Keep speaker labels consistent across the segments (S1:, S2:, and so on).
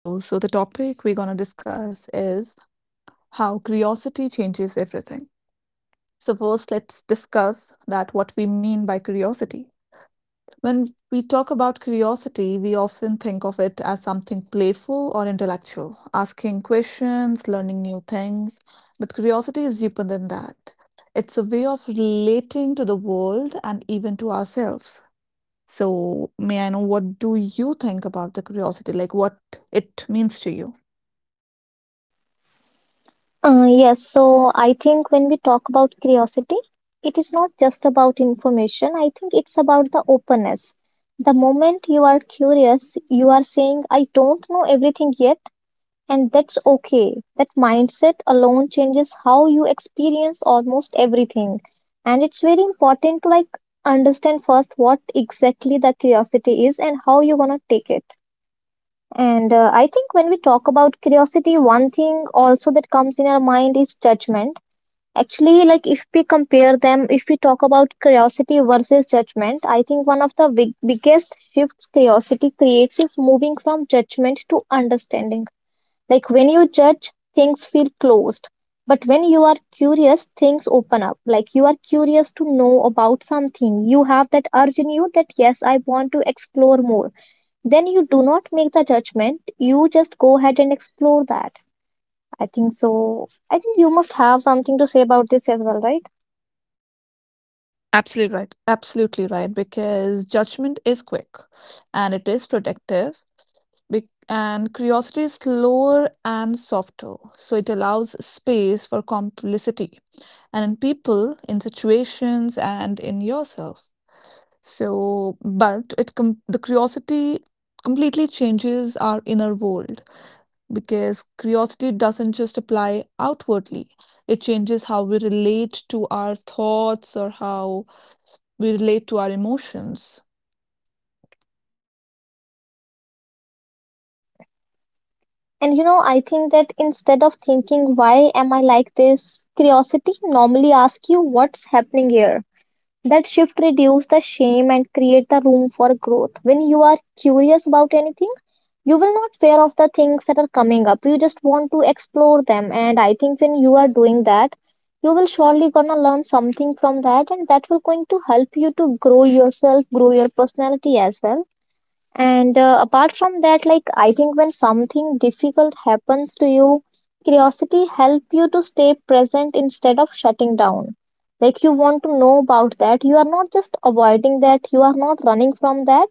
S1: Hello. So, the topic we're going to discuss is how curiosity changes everything. So, first, let's discuss that what we mean by curiosity. When we talk about curiosity, we often think of it as something playful or intellectual, asking questions, learning new things. But curiosity is deeper than that. It's a way of relating to the world and even to ourselves. So, may I know what do you think about the curiosity? Like what it means to you?
S2: Yes, so I think when we talk about curiosity, it is not just about information. I think it's about the openness. The moment you are curious, you are saying, I don't know everything yet, and that's okay. That mindset alone changes how you experience almost everything. And it's very important to like understand first what exactly the curiosity is and how you want to take it. And I think when we talk about curiosity, one thing also that comes in our mind is judgment. Actually, like if we compare them, if we talk about curiosity versus judgment, I think one of the biggest shifts curiosity creates is moving from judgment to understanding. Like when you judge, things feel closed. But when you are curious, things open up. Like you are curious to know about something. You have that urge in you that, yes, I want to explore more. Then you do not make the judgment. You just go ahead and explore that. I think so. I think you must have something to say about this as well, right?
S1: Absolutely right. Absolutely right. Because judgment is quick and it is protective, and curiosity is slower and softer. So it allows space for complicity and in people, in situations, and in yourself. So, but the curiosity completely changes our inner world because curiosity doesn't just apply outwardly, it changes how we relate to our thoughts or how we relate to our emotions.
S2: And you know, I think that instead of thinking, why am I like this, curiosity normally asks you what's happening here. That shift reduces the shame and create the room for growth. When you are curious about anything, you will not fear of the things that are coming up. You just want to explore them. And I think when you are doing that, you will surely gonna learn something from that and that will going to help you to grow yourself, grow your personality as well. And apart from that, like I think when something difficult happens to you, curiosity help you to stay present instead of shutting down. Like you want to know about that. You are not just avoiding that. You are not running from that.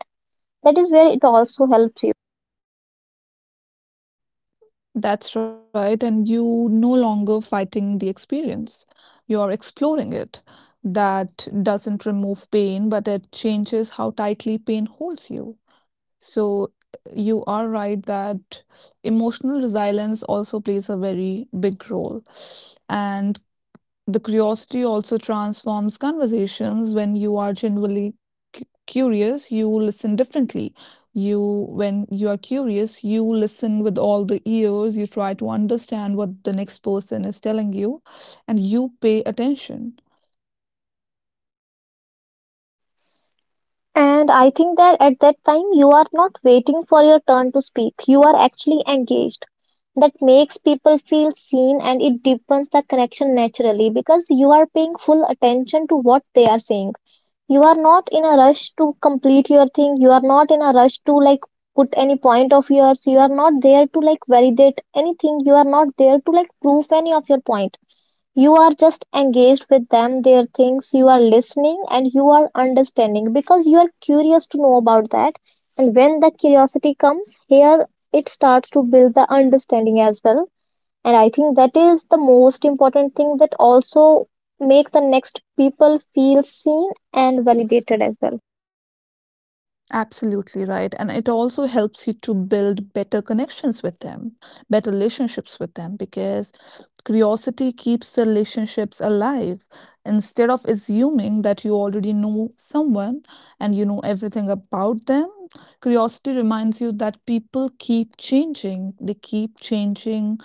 S2: That is where it also helps you.
S1: That's right, and you no longer fighting the experience. You're exploring it. That doesn't remove pain, but it changes how tightly pain holds you. So you are right that emotional resilience also plays a very big role. And the curiosity also transforms conversations when you are genuinely curious, you listen differently. When you are curious, you listen with all the ears, you try to understand what the next person is telling you, and you pay attention.
S2: And I think that at that time, you are not waiting for your turn to speak. You are actually engaged. That makes people feel seen and it deepens the connection naturally because you are paying full attention to what they are saying. You are not in a rush to complete your thing. You are not in a rush to like put any point of yours. You are not there to like validate anything. You are not there to like prove any of your point. You are just engaged with them, their things. You are listening and you are understanding because you are curious to know about that. And when the curiosity comes here, it starts to build the understanding as well. And I think that is the most important thing that also make the next people feel seen and validated as well.
S1: Absolutely right. And it also helps you to build better connections with them, better relationships with them, because curiosity keeps the relationships alive. Instead of assuming that you already know someone and you know everything about them, curiosity reminds you that people keep changing. They keep changing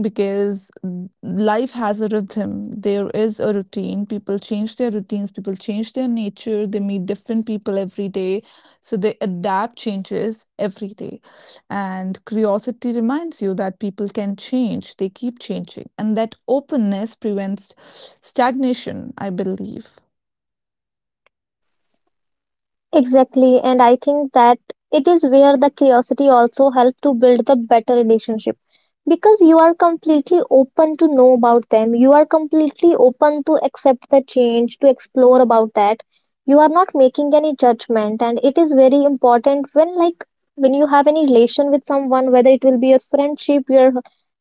S1: because life has a rhythm. There is a routine. People change their routines, people change their nature, they meet different people every day. So they adapt changes every day. And curiosity reminds you that people can change, they keep changing. And that openness prevents stagnation, I believe.
S2: Exactly, and I think that it is where the curiosity also helps to build the better relationship because you are completely open to know about them. You are completely open to accept the change, to explore about that. You are not making any judgment, and it is very important when like when you have any relation with someone, whether it will be your friendship, your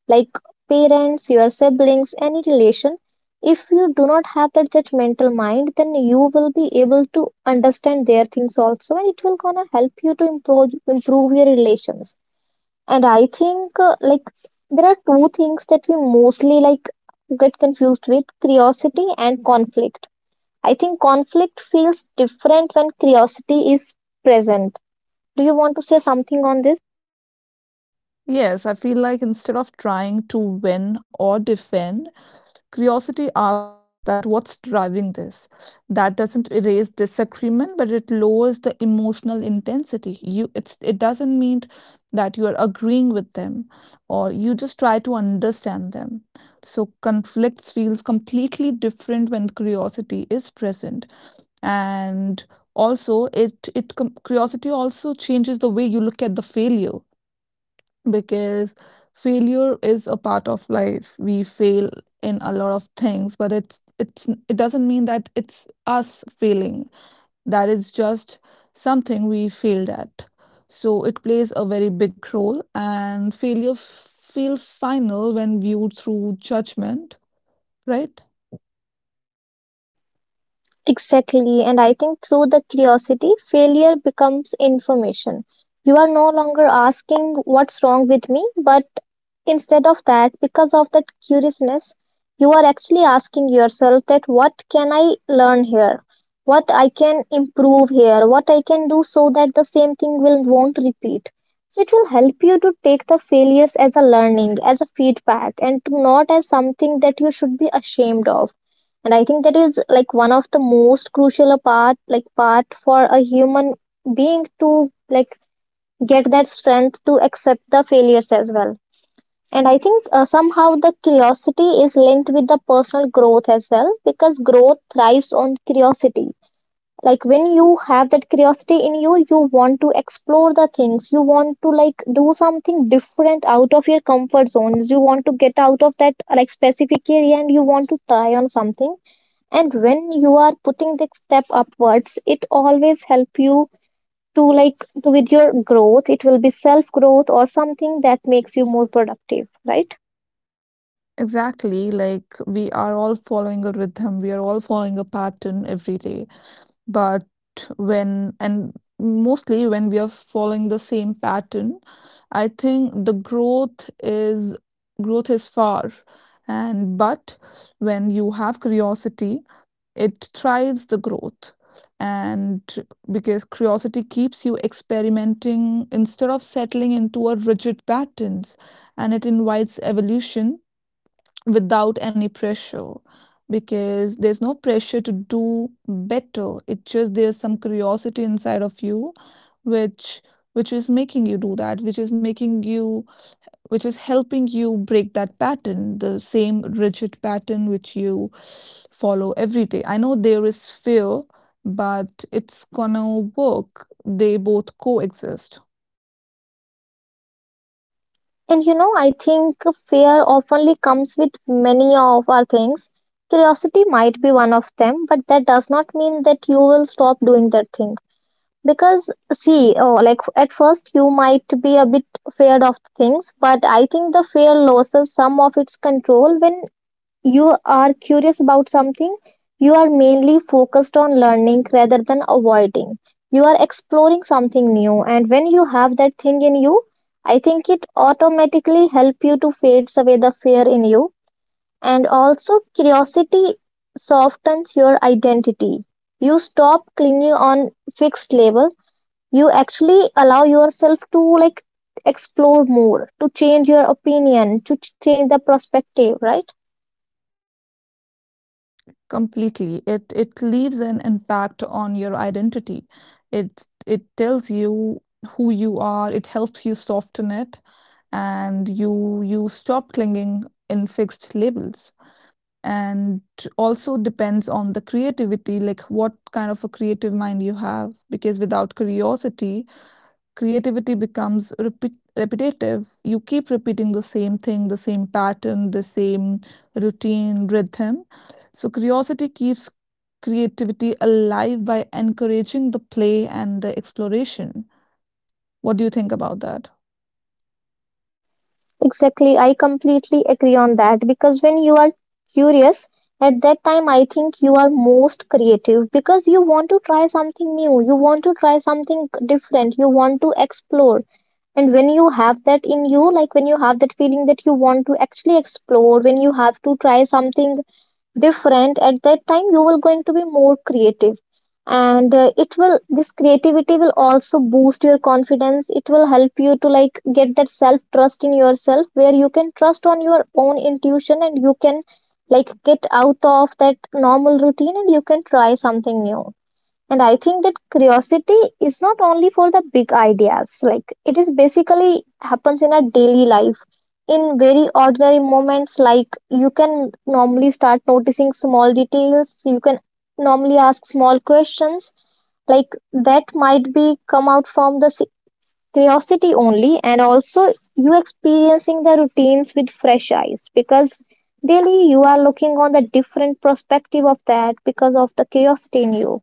S2: like parents, your siblings, any relation. If you do not have that judgmental mind then you will be able to understand their things also and it will gonna help you to improve your relations. And I think like there are two things that we mostly like get confused with, curiosity and conflict. I think conflict feels different when curiosity is present. Do you want to say something on this?
S1: Yes, I feel like instead of trying to win or defend, curiosity asks us that what's driving this. That doesn't erase disagreement, but it lowers the emotional intensity. It doesn't mean that you are agreeing with them, or you just try to understand them. So conflicts feels completely different when curiosity is present, and also curiosity also changes the way you look at the failure because failure is a part of life. We fail in a lot of things, but it doesn't mean that it's us failing. That is just something we failed at. So it plays a very big role, and failure feels final when viewed through judgment, right?
S2: Exactly. And I think through the curiosity, failure becomes information. You are no longer asking what's wrong with me, but instead of that, because of that curiousness, you are actually asking yourself that what can I learn here? What I can improve here? What I can do so that the same thing will won't repeat. So it will help you to take the failures as a learning, as a feedback, and to not as something that you should be ashamed of. And I think that is like one of the most crucial part for a human being to like get that strength to accept the failures as well. And I think somehow the curiosity is linked with the personal growth as well because growth thrives on curiosity. Like when you have that curiosity in you, you want to explore the things, you want to like do something different out of your comfort zones, you want to get out of that like specific area and you want to try on something. And when you are putting the step upwards it always help you to like to with your growth, it will be self growth or something that makes you more productive, right?
S1: Exactly, like we are all following a rhythm, we are all following a pattern every day. But when and mostly when we are following the same pattern, I think the growth is, growth is far. And but when you have curiosity, it thrives the growth, and because curiosity keeps you experimenting instead of settling into a rigid patterns, and it invites evolution without any pressure, because there's no pressure to do better. It just, there's some curiosity inside of you which which is making you do that, which is making you, which is helping you break that pattern, the same rigid pattern which you follow every day. I know there is fear, but it's gonna work. They both coexist.
S2: And you know I think fear oftenly comes with many of our things. Curiosity might be one of them but that does not mean that you will stop doing that thing because see like at first you might be a bit feared of things but I think the fear loses some of its control when you are curious about something, you are mainly focused on learning rather than avoiding. You are exploring something new, and when you have that thing in you, I think it automatically help you to fades away the fear in you, and also curiosity softens your identity. You stop clinging on fixed level. You actually allow yourself to like explore more, to change your opinion, to change the perspective, right?
S1: Completely, it leaves an impact on your identity. It tells you who you are. It helps you soften it, and you stop clinging in fixed labels. And also depends on the creativity, like what kind of a creative mind you have, because without curiosity creativity becomes repetitive. You keep repeating the same thing, the same pattern, the same routine, rhythm. So, curiosity keeps creativity alive by encouraging the play and the exploration. What do you think about that?
S2: Exactly, I completely agree on that because when you are curious, at that time I think you are most creative because you want to try something new, you want to try something different, you want to explore. And when you have that in you, like when you have that feeling that you want to actually explore, when you have to try something different at that time you will going to be more creative. And it will this creativity will also boost your confidence. It will help you to like get that self trust in yourself where you can trust on your own intuition and you can like get out of that normal routine and you can try something new. And I think that curiosity is not only for the big ideas, like it is basically happens in our daily life. In very ordinary moments, like you can normally start noticing small details, you can normally ask small questions, like that might be come out from the curiosity only, and also you experiencing the routines with fresh eyes because daily you are looking on the different perspective of that because of the curiosity in you.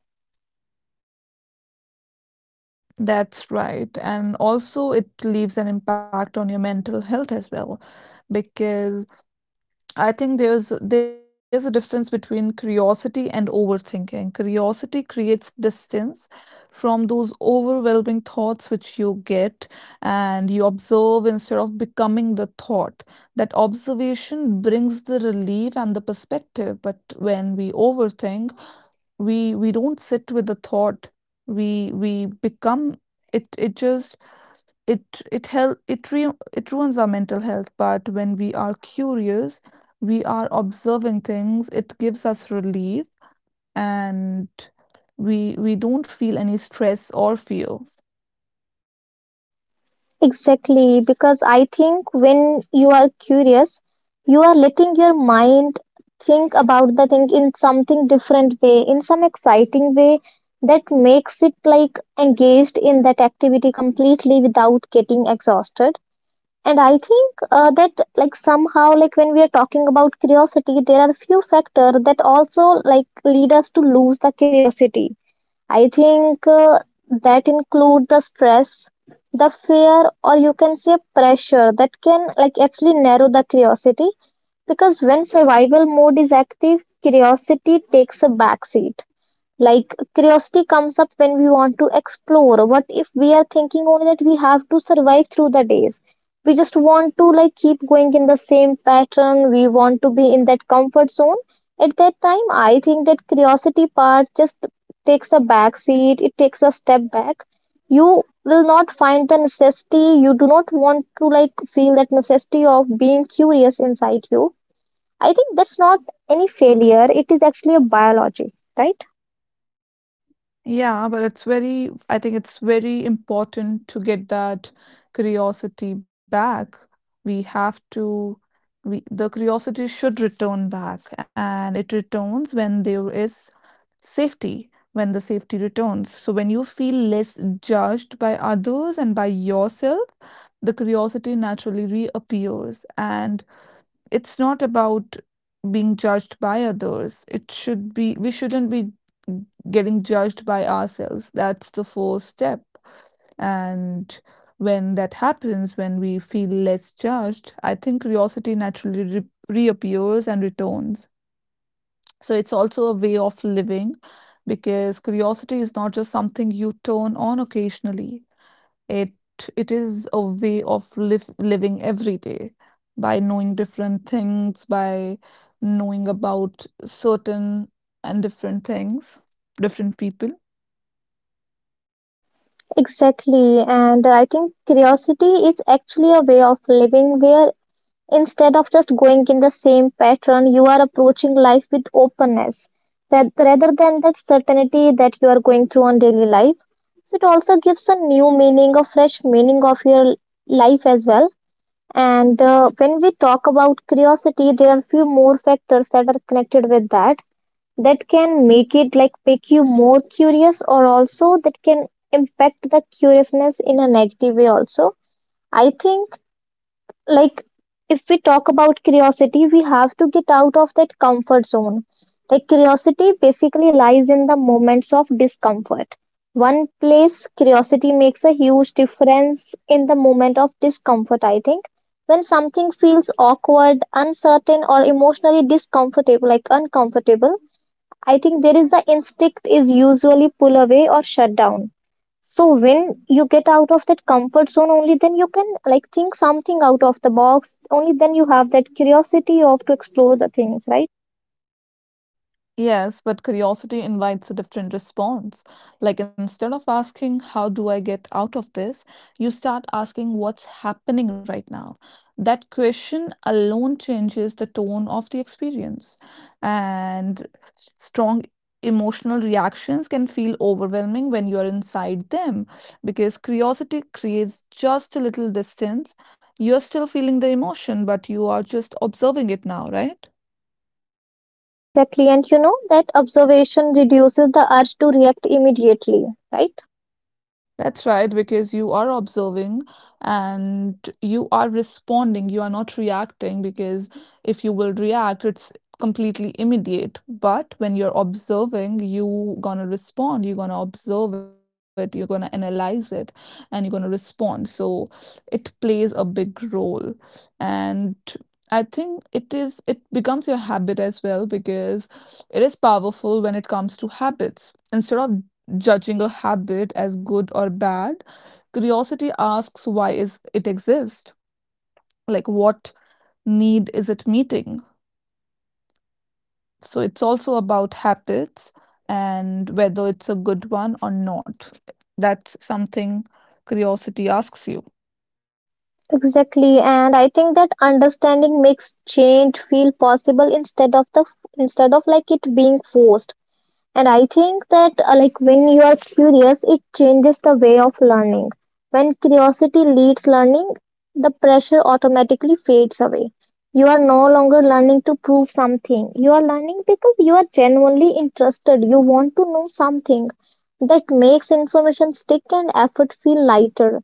S1: That's right. And also, it leaves an impact on your mental health as well, because I think there's a difference between curiosity and overthinking. Curiosity creates distance from those overwhelming thoughts which you get, and you observe instead of becoming the thought. That observation brings the relief and the perspective, but when we overthink, we don't sit with the thought. We become, it just it it help it re it ruins our mental health. But when we are curious, we are observing things. It gives us relief, and we don't feel any stress or fear.
S2: Exactly, because I think when you are curious, you are letting your mind think about the thing in something different way, in some exciting way that makes it like engaged in that activity completely without getting exhausted. And I think that like somehow like when we are talking about curiosity, there are few factors that also like lead us to lose the curiosity. I think that include the stress, the fear, or you can say pressure that can like actually narrow the curiosity because when survival mode is active, curiosity takes a backseat. Like curiosity comes up when we want to explore. What if we are thinking only that we have to survive through the days? We just want to like keep going in the same pattern. We want to be in that comfort zone. At that time, I think that curiosity part just takes a back seat. It takes a step back. You will not find the necessity. You do not want to like feel that necessity of being curious inside you. I think that's not any failure. It is actually a biology, right?
S1: Yeah, but it's very, I think it's very important to get that curiosity back. We have to, we, the curiosity should return back, and it returns when there is safety, when the safety returns. So when you feel less judged by others and by yourself, the curiosity naturally reappears. And it's not about being judged by others. It should be, we shouldn't be getting judged by ourselves. That's the first step. And when that happens, when we feel less judged, I think curiosity naturally reappears and returns. So it's also a way of living, because curiosity is not just something you turn on occasionally. It it is a way of live living every day, by knowing different things, by knowing about certain and different things, different people.
S2: Exactly, and I think curiosity is actually a way of living where instead of just going in the same pattern, you are approaching life with openness that rather than that certainty that you are going through on daily life. So it also gives a new meaning, a fresh meaning of your life as well. And when we talk about curiosity, there are few more factors that are connected with that that can make it like make you more curious or also that can impact the curiousness in a negative way also. I think like if we talk about curiosity we have to get out of that comfort zone. Like curiosity basically lies in the moments of discomfort. One place curiosity makes a huge difference in the moment of discomfort. I think when something feels awkward, uncertain or emotionally discomfortable like uncomfortable, I think there is the instinct is usually pull away or shut down. So when you get out of that comfort zone, only then you can like think something out of the box. Only then you have that curiosity of to explore the things, right?
S1: Yes, but curiosity invites a different response. Like instead of asking, "How do I get out of this?" you start asking, "What's happening right now?" That question alone changes the tone of the experience. And strong emotional reactions can feel overwhelming when you are inside them, because curiosity creates just a little distance. You're still feeling the emotion, but you are just observing it now, right?
S2: Exactly. And you know that observation reduces the urge to react immediately, right?
S1: That's right, because you are observing and you are responding. You are not reacting, because if you will react, it's completely immediate. But when you're observing, you gonna respond. You're gonna observe it. You're gonna analyze it, and you're gonna respond. So it plays a big role, and I think it is. It becomes your habit as well, because it is powerful when it comes to habits. Instead of judging a habit as good or bad, curiosity asks why is it exist? Like what need is it meeting? So it's also about habits and whether it's a good one or not. That's something curiosity asks you.
S2: Exactly. And I think that understanding makes change feel possible instead of like it being forced. And I think that, when you are curious, it changes the way of learning. When curiosity leads learning, the pressure automatically fades away. You are no longer learning to prove something. You are learning because you are genuinely interested. You want to know something that makes information stick and effort feel lighter.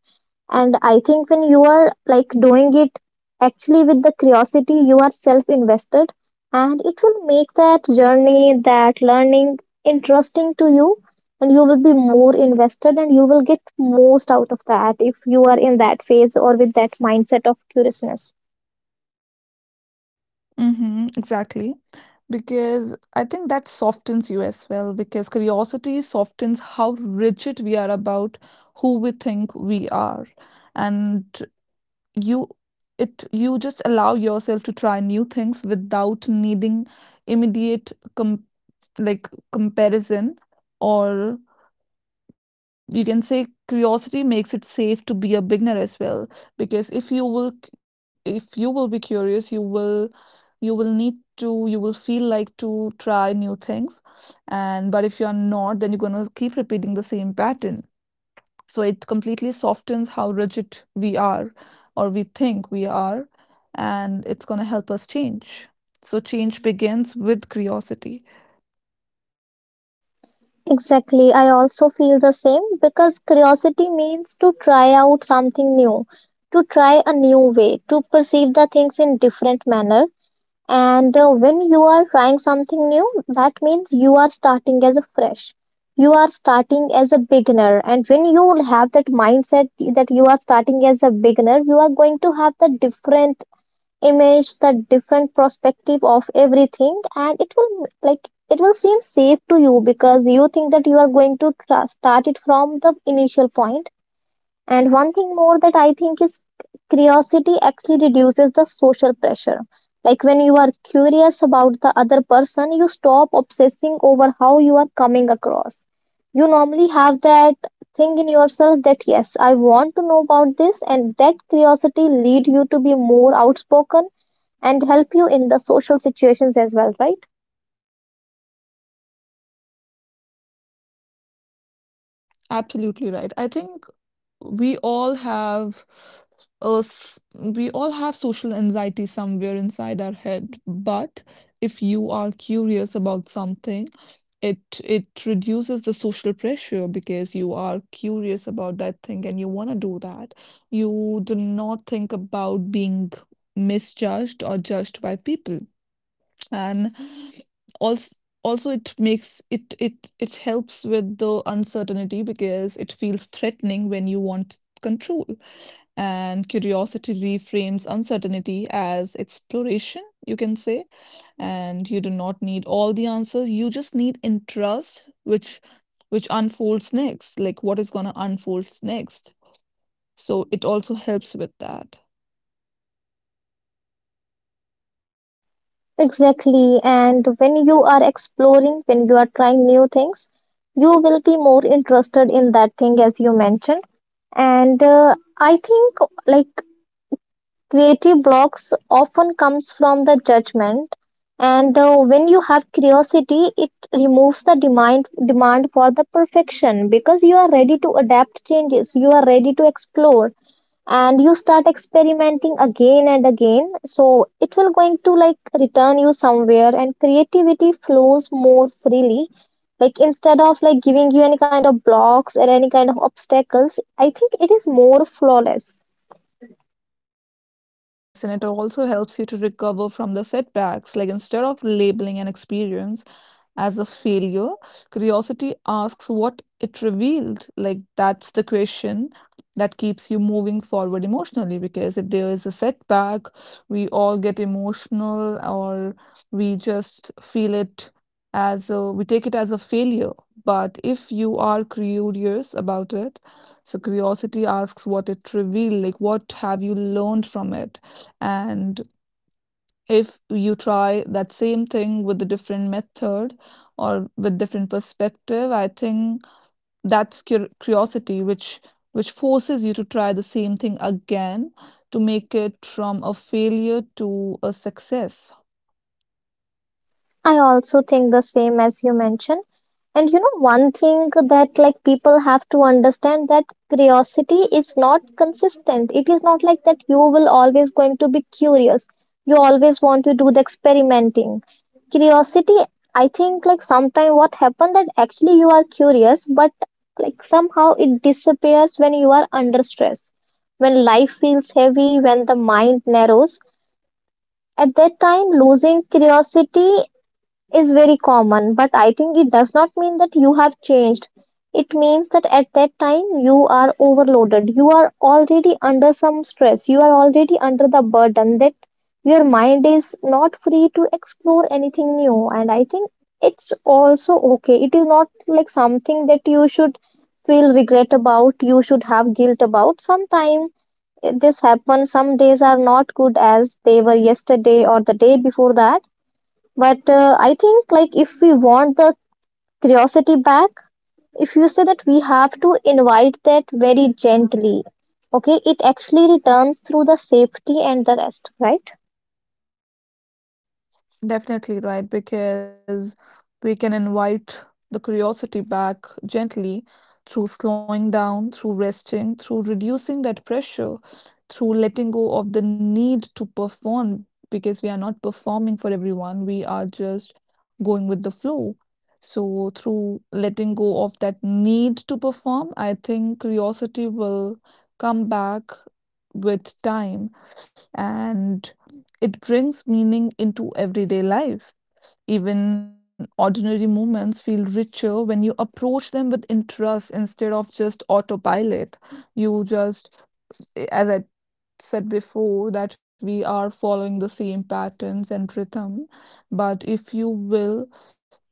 S2: And I think when you are like doing it actually with the curiosity, you are self invested, and it will make that journey, that learning, interesting to you, and you will be more invested and you will get most out of that if you are in that phase or with that mindset of curiousness.
S1: Mhm, exactly. Because I think that softens you as well, because curiosity softens how rigid we are about who we think we are. And you you just allow yourself to try new things without needing immediate com like, comparison. Or you can say curiosity makes it safe to be a beginner as well, because if you will be curious, you will need to you will feel like to try new things. And but if you are not, then you're going to keep repeating the same pattern. So it completely softens how rigid we are, or we think we are, and it's going to help us change. So change begins with curiosity.
S2: Exactly, I also feel the same, because curiosity means to try out something new, to try a new way to perceive the things in different manner. And when you are trying something new, that means you are starting as a fresh. You are starting as a beginner. And when you have that mindset that you are starting as a beginner, you are going to have the different image, the different perspective of everything. And it will like it will seem safe to you because you think that you are going to start it from the initial point. And one thing more that I think is curiosity actually reduces the social pressure. Like when you are curious about the other person, you stop obsessing over how you are coming across. You normally have that thing in yourself that yes, I want to know about this, and that curiosity lead you to be more outspoken and help you in the social situations as well, right?
S1: Absolutely right. I think we all have a s- we all have social anxiety somewhere inside our head, but if you are curious about something, it reduces the social pressure because you are curious about that thing and you want to do that. You do not think about being misjudged or judged by people. And also also it makes it helps with the uncertainty, because it feels threatening when you want control, and curiosity reframes uncertainty as exploration, you can say. And you do not need all the answers, you just need interest, which unfolds next, like what is going to unfold next. So it also helps with that.
S2: Exactly. And when you are exploring, when you are trying new things, you will be more interested in that thing as you mentioned. And I think like creative blocks often comes from the judgment. And when you have curiosity, it removes the demand for the perfection because you are ready to adapt changes. You are ready to explore, and you start experimenting again and again, so it will going to like return you somewhere and creativity flows more freely, like instead of like giving you any kind of blocks or any kind of obstacles, I think it is more flawless.
S1: Yes, and it also helps you to recover from the setbacks. Like instead of labeling an experience as a failure, curiosity asks what it revealed. Like, that's the question that keeps you moving forward emotionally. Because if there is a setback, we all get emotional, or we just feel it as a, we take it as a failure. But if you are curious about it, so curiosity asks what it revealed, like what have you learned from it? And if you try that same thing with a different method or with different perspective, I think that's curiosity, which forces you to try the same thing again to make it from a failure to a success.
S2: I also think the same as you mentioned. And you know, one thing that like people have to understand that curiosity is not consistent. It is not like that you will always going to be curious. You always want to do the experimenting. Curiosity, I think like sometime what happened that actually you are curious, but like somehow it disappears when you are under stress. When life feels heavy, when the mind narrows, at that time losing curiosity is very common, but I think it does not mean that you have changed. It means that at that time you are overloaded. You are already under some stress. You are already under the burden that your mind is not free to explore anything new. And I think it's also okay. It is not like something that you should feel regret about, you should have guilt about. Sometimes this happens, some days are not good as they were yesterday or the day before that, but I think like if we want the curiosity back, if you say that we have to invite that very gently. Okay, it actually returns through the safety and the rest, right?
S1: Definitely right, because we can invite the curiosity back gently through slowing down, through resting, through reducing that pressure, through letting go of the need to perform, because we are not performing for everyone, we are just going with the flow. So, through letting go of that need to perform, I think curiosity will come back with time. And it brings meaning into everyday life. Even ordinary moments feel richer when you approach them with interest instead of just autopilot. You just, as I said before, that we are following the same patterns and rhythm. But if you will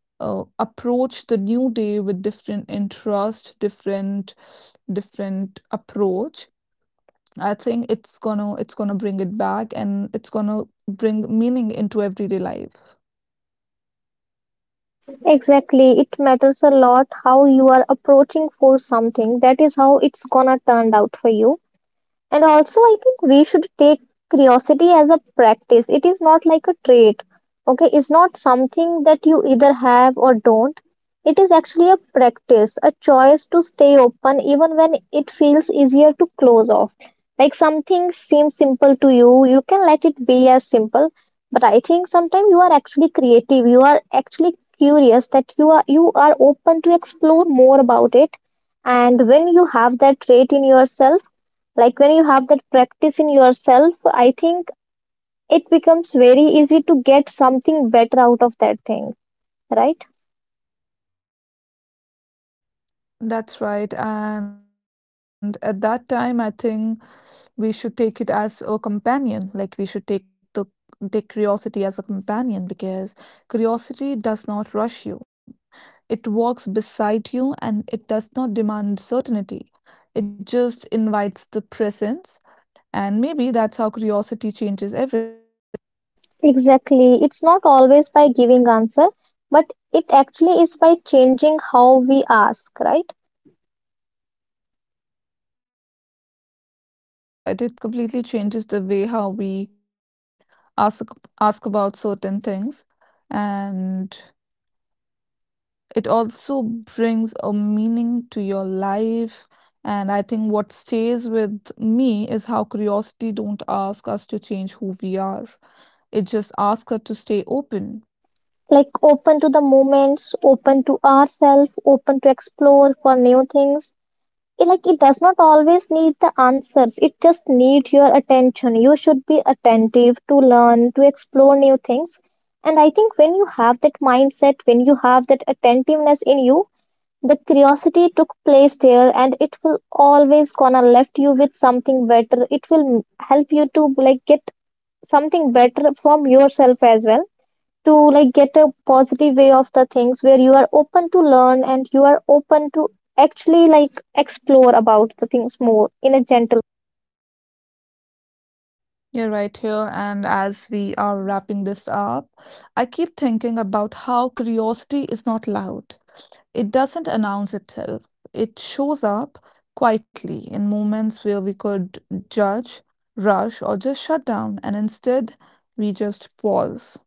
S1: approach the new day with different interest, different different approach, I think it's gonna bring it back, and it's gonna bring meaning into everyday life.
S2: Exactly. It matters a lot how you are approaching for something. That is how it's gonna turn out for you. And also, I think we should take curiosity as a practice. It is not like a trait. Okay, it's not something that you either have or don't. It is actually a practice, a choice to stay open even when it feels easier to close off. Like something seems simple to you, you can let it be as simple. But I think sometimes you are actually creative. You are actually curious that you are open to explore more about it. And when you have that trait in yourself, like when you have that practice in yourself, I think it becomes very easy to get something better out of that thing, right?
S1: That's right. And at that time, I think we should take it as a companion. Like we should take the take curiosity as a companion, because curiosity does not rush you. It walks beside you, and it does not demand certainty. It just invites the presence. And maybe that's how curiosity changes everything.
S2: Exactly. It's not always by giving answer, but it actually is by changing how we ask, right?
S1: That's right. It completely changes the way how we ask, ask about certain things, and it also brings a meaning to your life. And I think what stays with me is how curiosity don't ask us to change who we are. It just asks us to stay open.
S2: Like open to the moments, open to ourselves, open to explore for new things. It, like it does not always need the answers, it just need your attention. You should be attentive to learn to explore new things. And I think when you have that mindset, when you have that attentiveness in you, the curiosity took place there and it will always gonna left you with something better. It will help you to like get something better from yourself as well, to like get a positive way of the things where you are open to learn and you are open to actually like explore about the things more in a gentle.
S1: Yeah, right here. And as we are wrapping this up, I keep thinking about how curiosity is not loud. It doesn't announce itself. It shows up quietly in moments where we could judge, rush, or just shut down, and instead we just pause.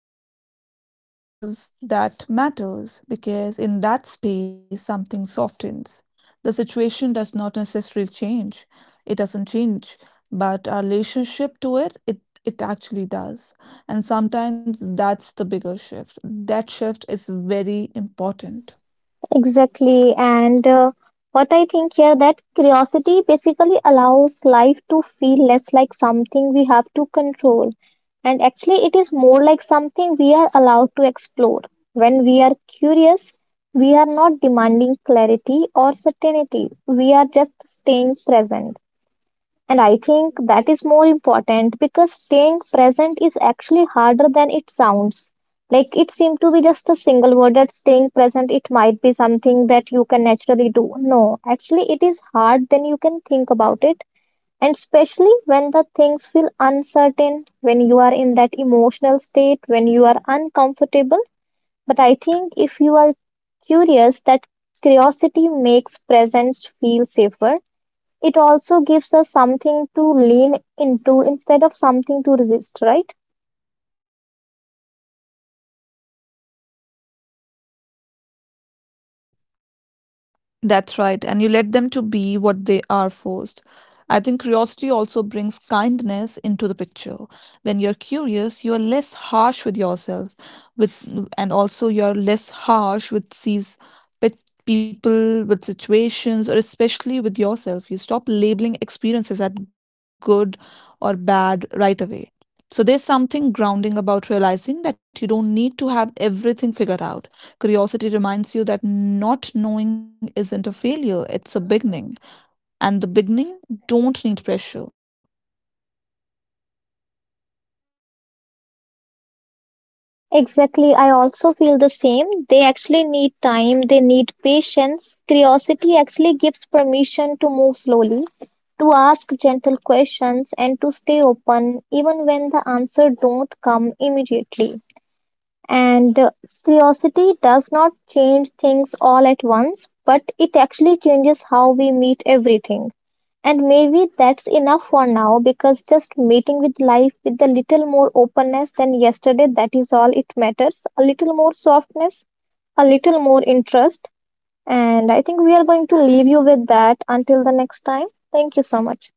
S1: And the pause that matters, because in that space something softens. The situation does not necessarily change. It doesn't change, but our relationship to it, it actually does. And sometimes that's the bigger shift. That shift is very important.
S2: Exactly, and what I think here that curiosity basically allows life to feel less like something we have to control, and actually it is more like something we are allowed to explore. When we are curious, we are not demanding clarity or certainty, we are just staying present. And I think that is more important because staying present is actually harder than it sounds. Like it seemed to be just a single word that staying present, it might be something that you can naturally do. No, actually, it is hard. Then you can think about it. And especially when the things feel uncertain, when you are in that emotional state, when you are uncomfortable. But I think if you are curious, that curiosity makes presence feel safer. It also gives us something to lean into instead of something to resist, right?
S1: That's right, and you let them to be what they are first. I think curiosity also brings kindness into the picture. When you're curious, you are less harsh with yourself, with, and also you are less harsh with these pet people, with situations, or especially with yourself. You stop labeling experiences as good or bad right away. So there's something grounding about realizing that you don't need to have everything figured out. Curiosity reminds you that not knowing isn't a failure, it's a beginning. And the beginning don't need pressure, they need time.
S2: Exactly. I also feel the same. They actually need time, they need patience. Curiosity actually gives permission to move slowly, to ask gentle questions, and to stay open even when the answer don't come immediately. And curiosity does not change things all at once, but it actually changes how we meet everything. And maybe that's enough for now because just meeting with life with a little more openness than yesterday, that is all it matters. A little more softness, a little more interest. And I think we are going to leave you with that until the next time. Thank you so much.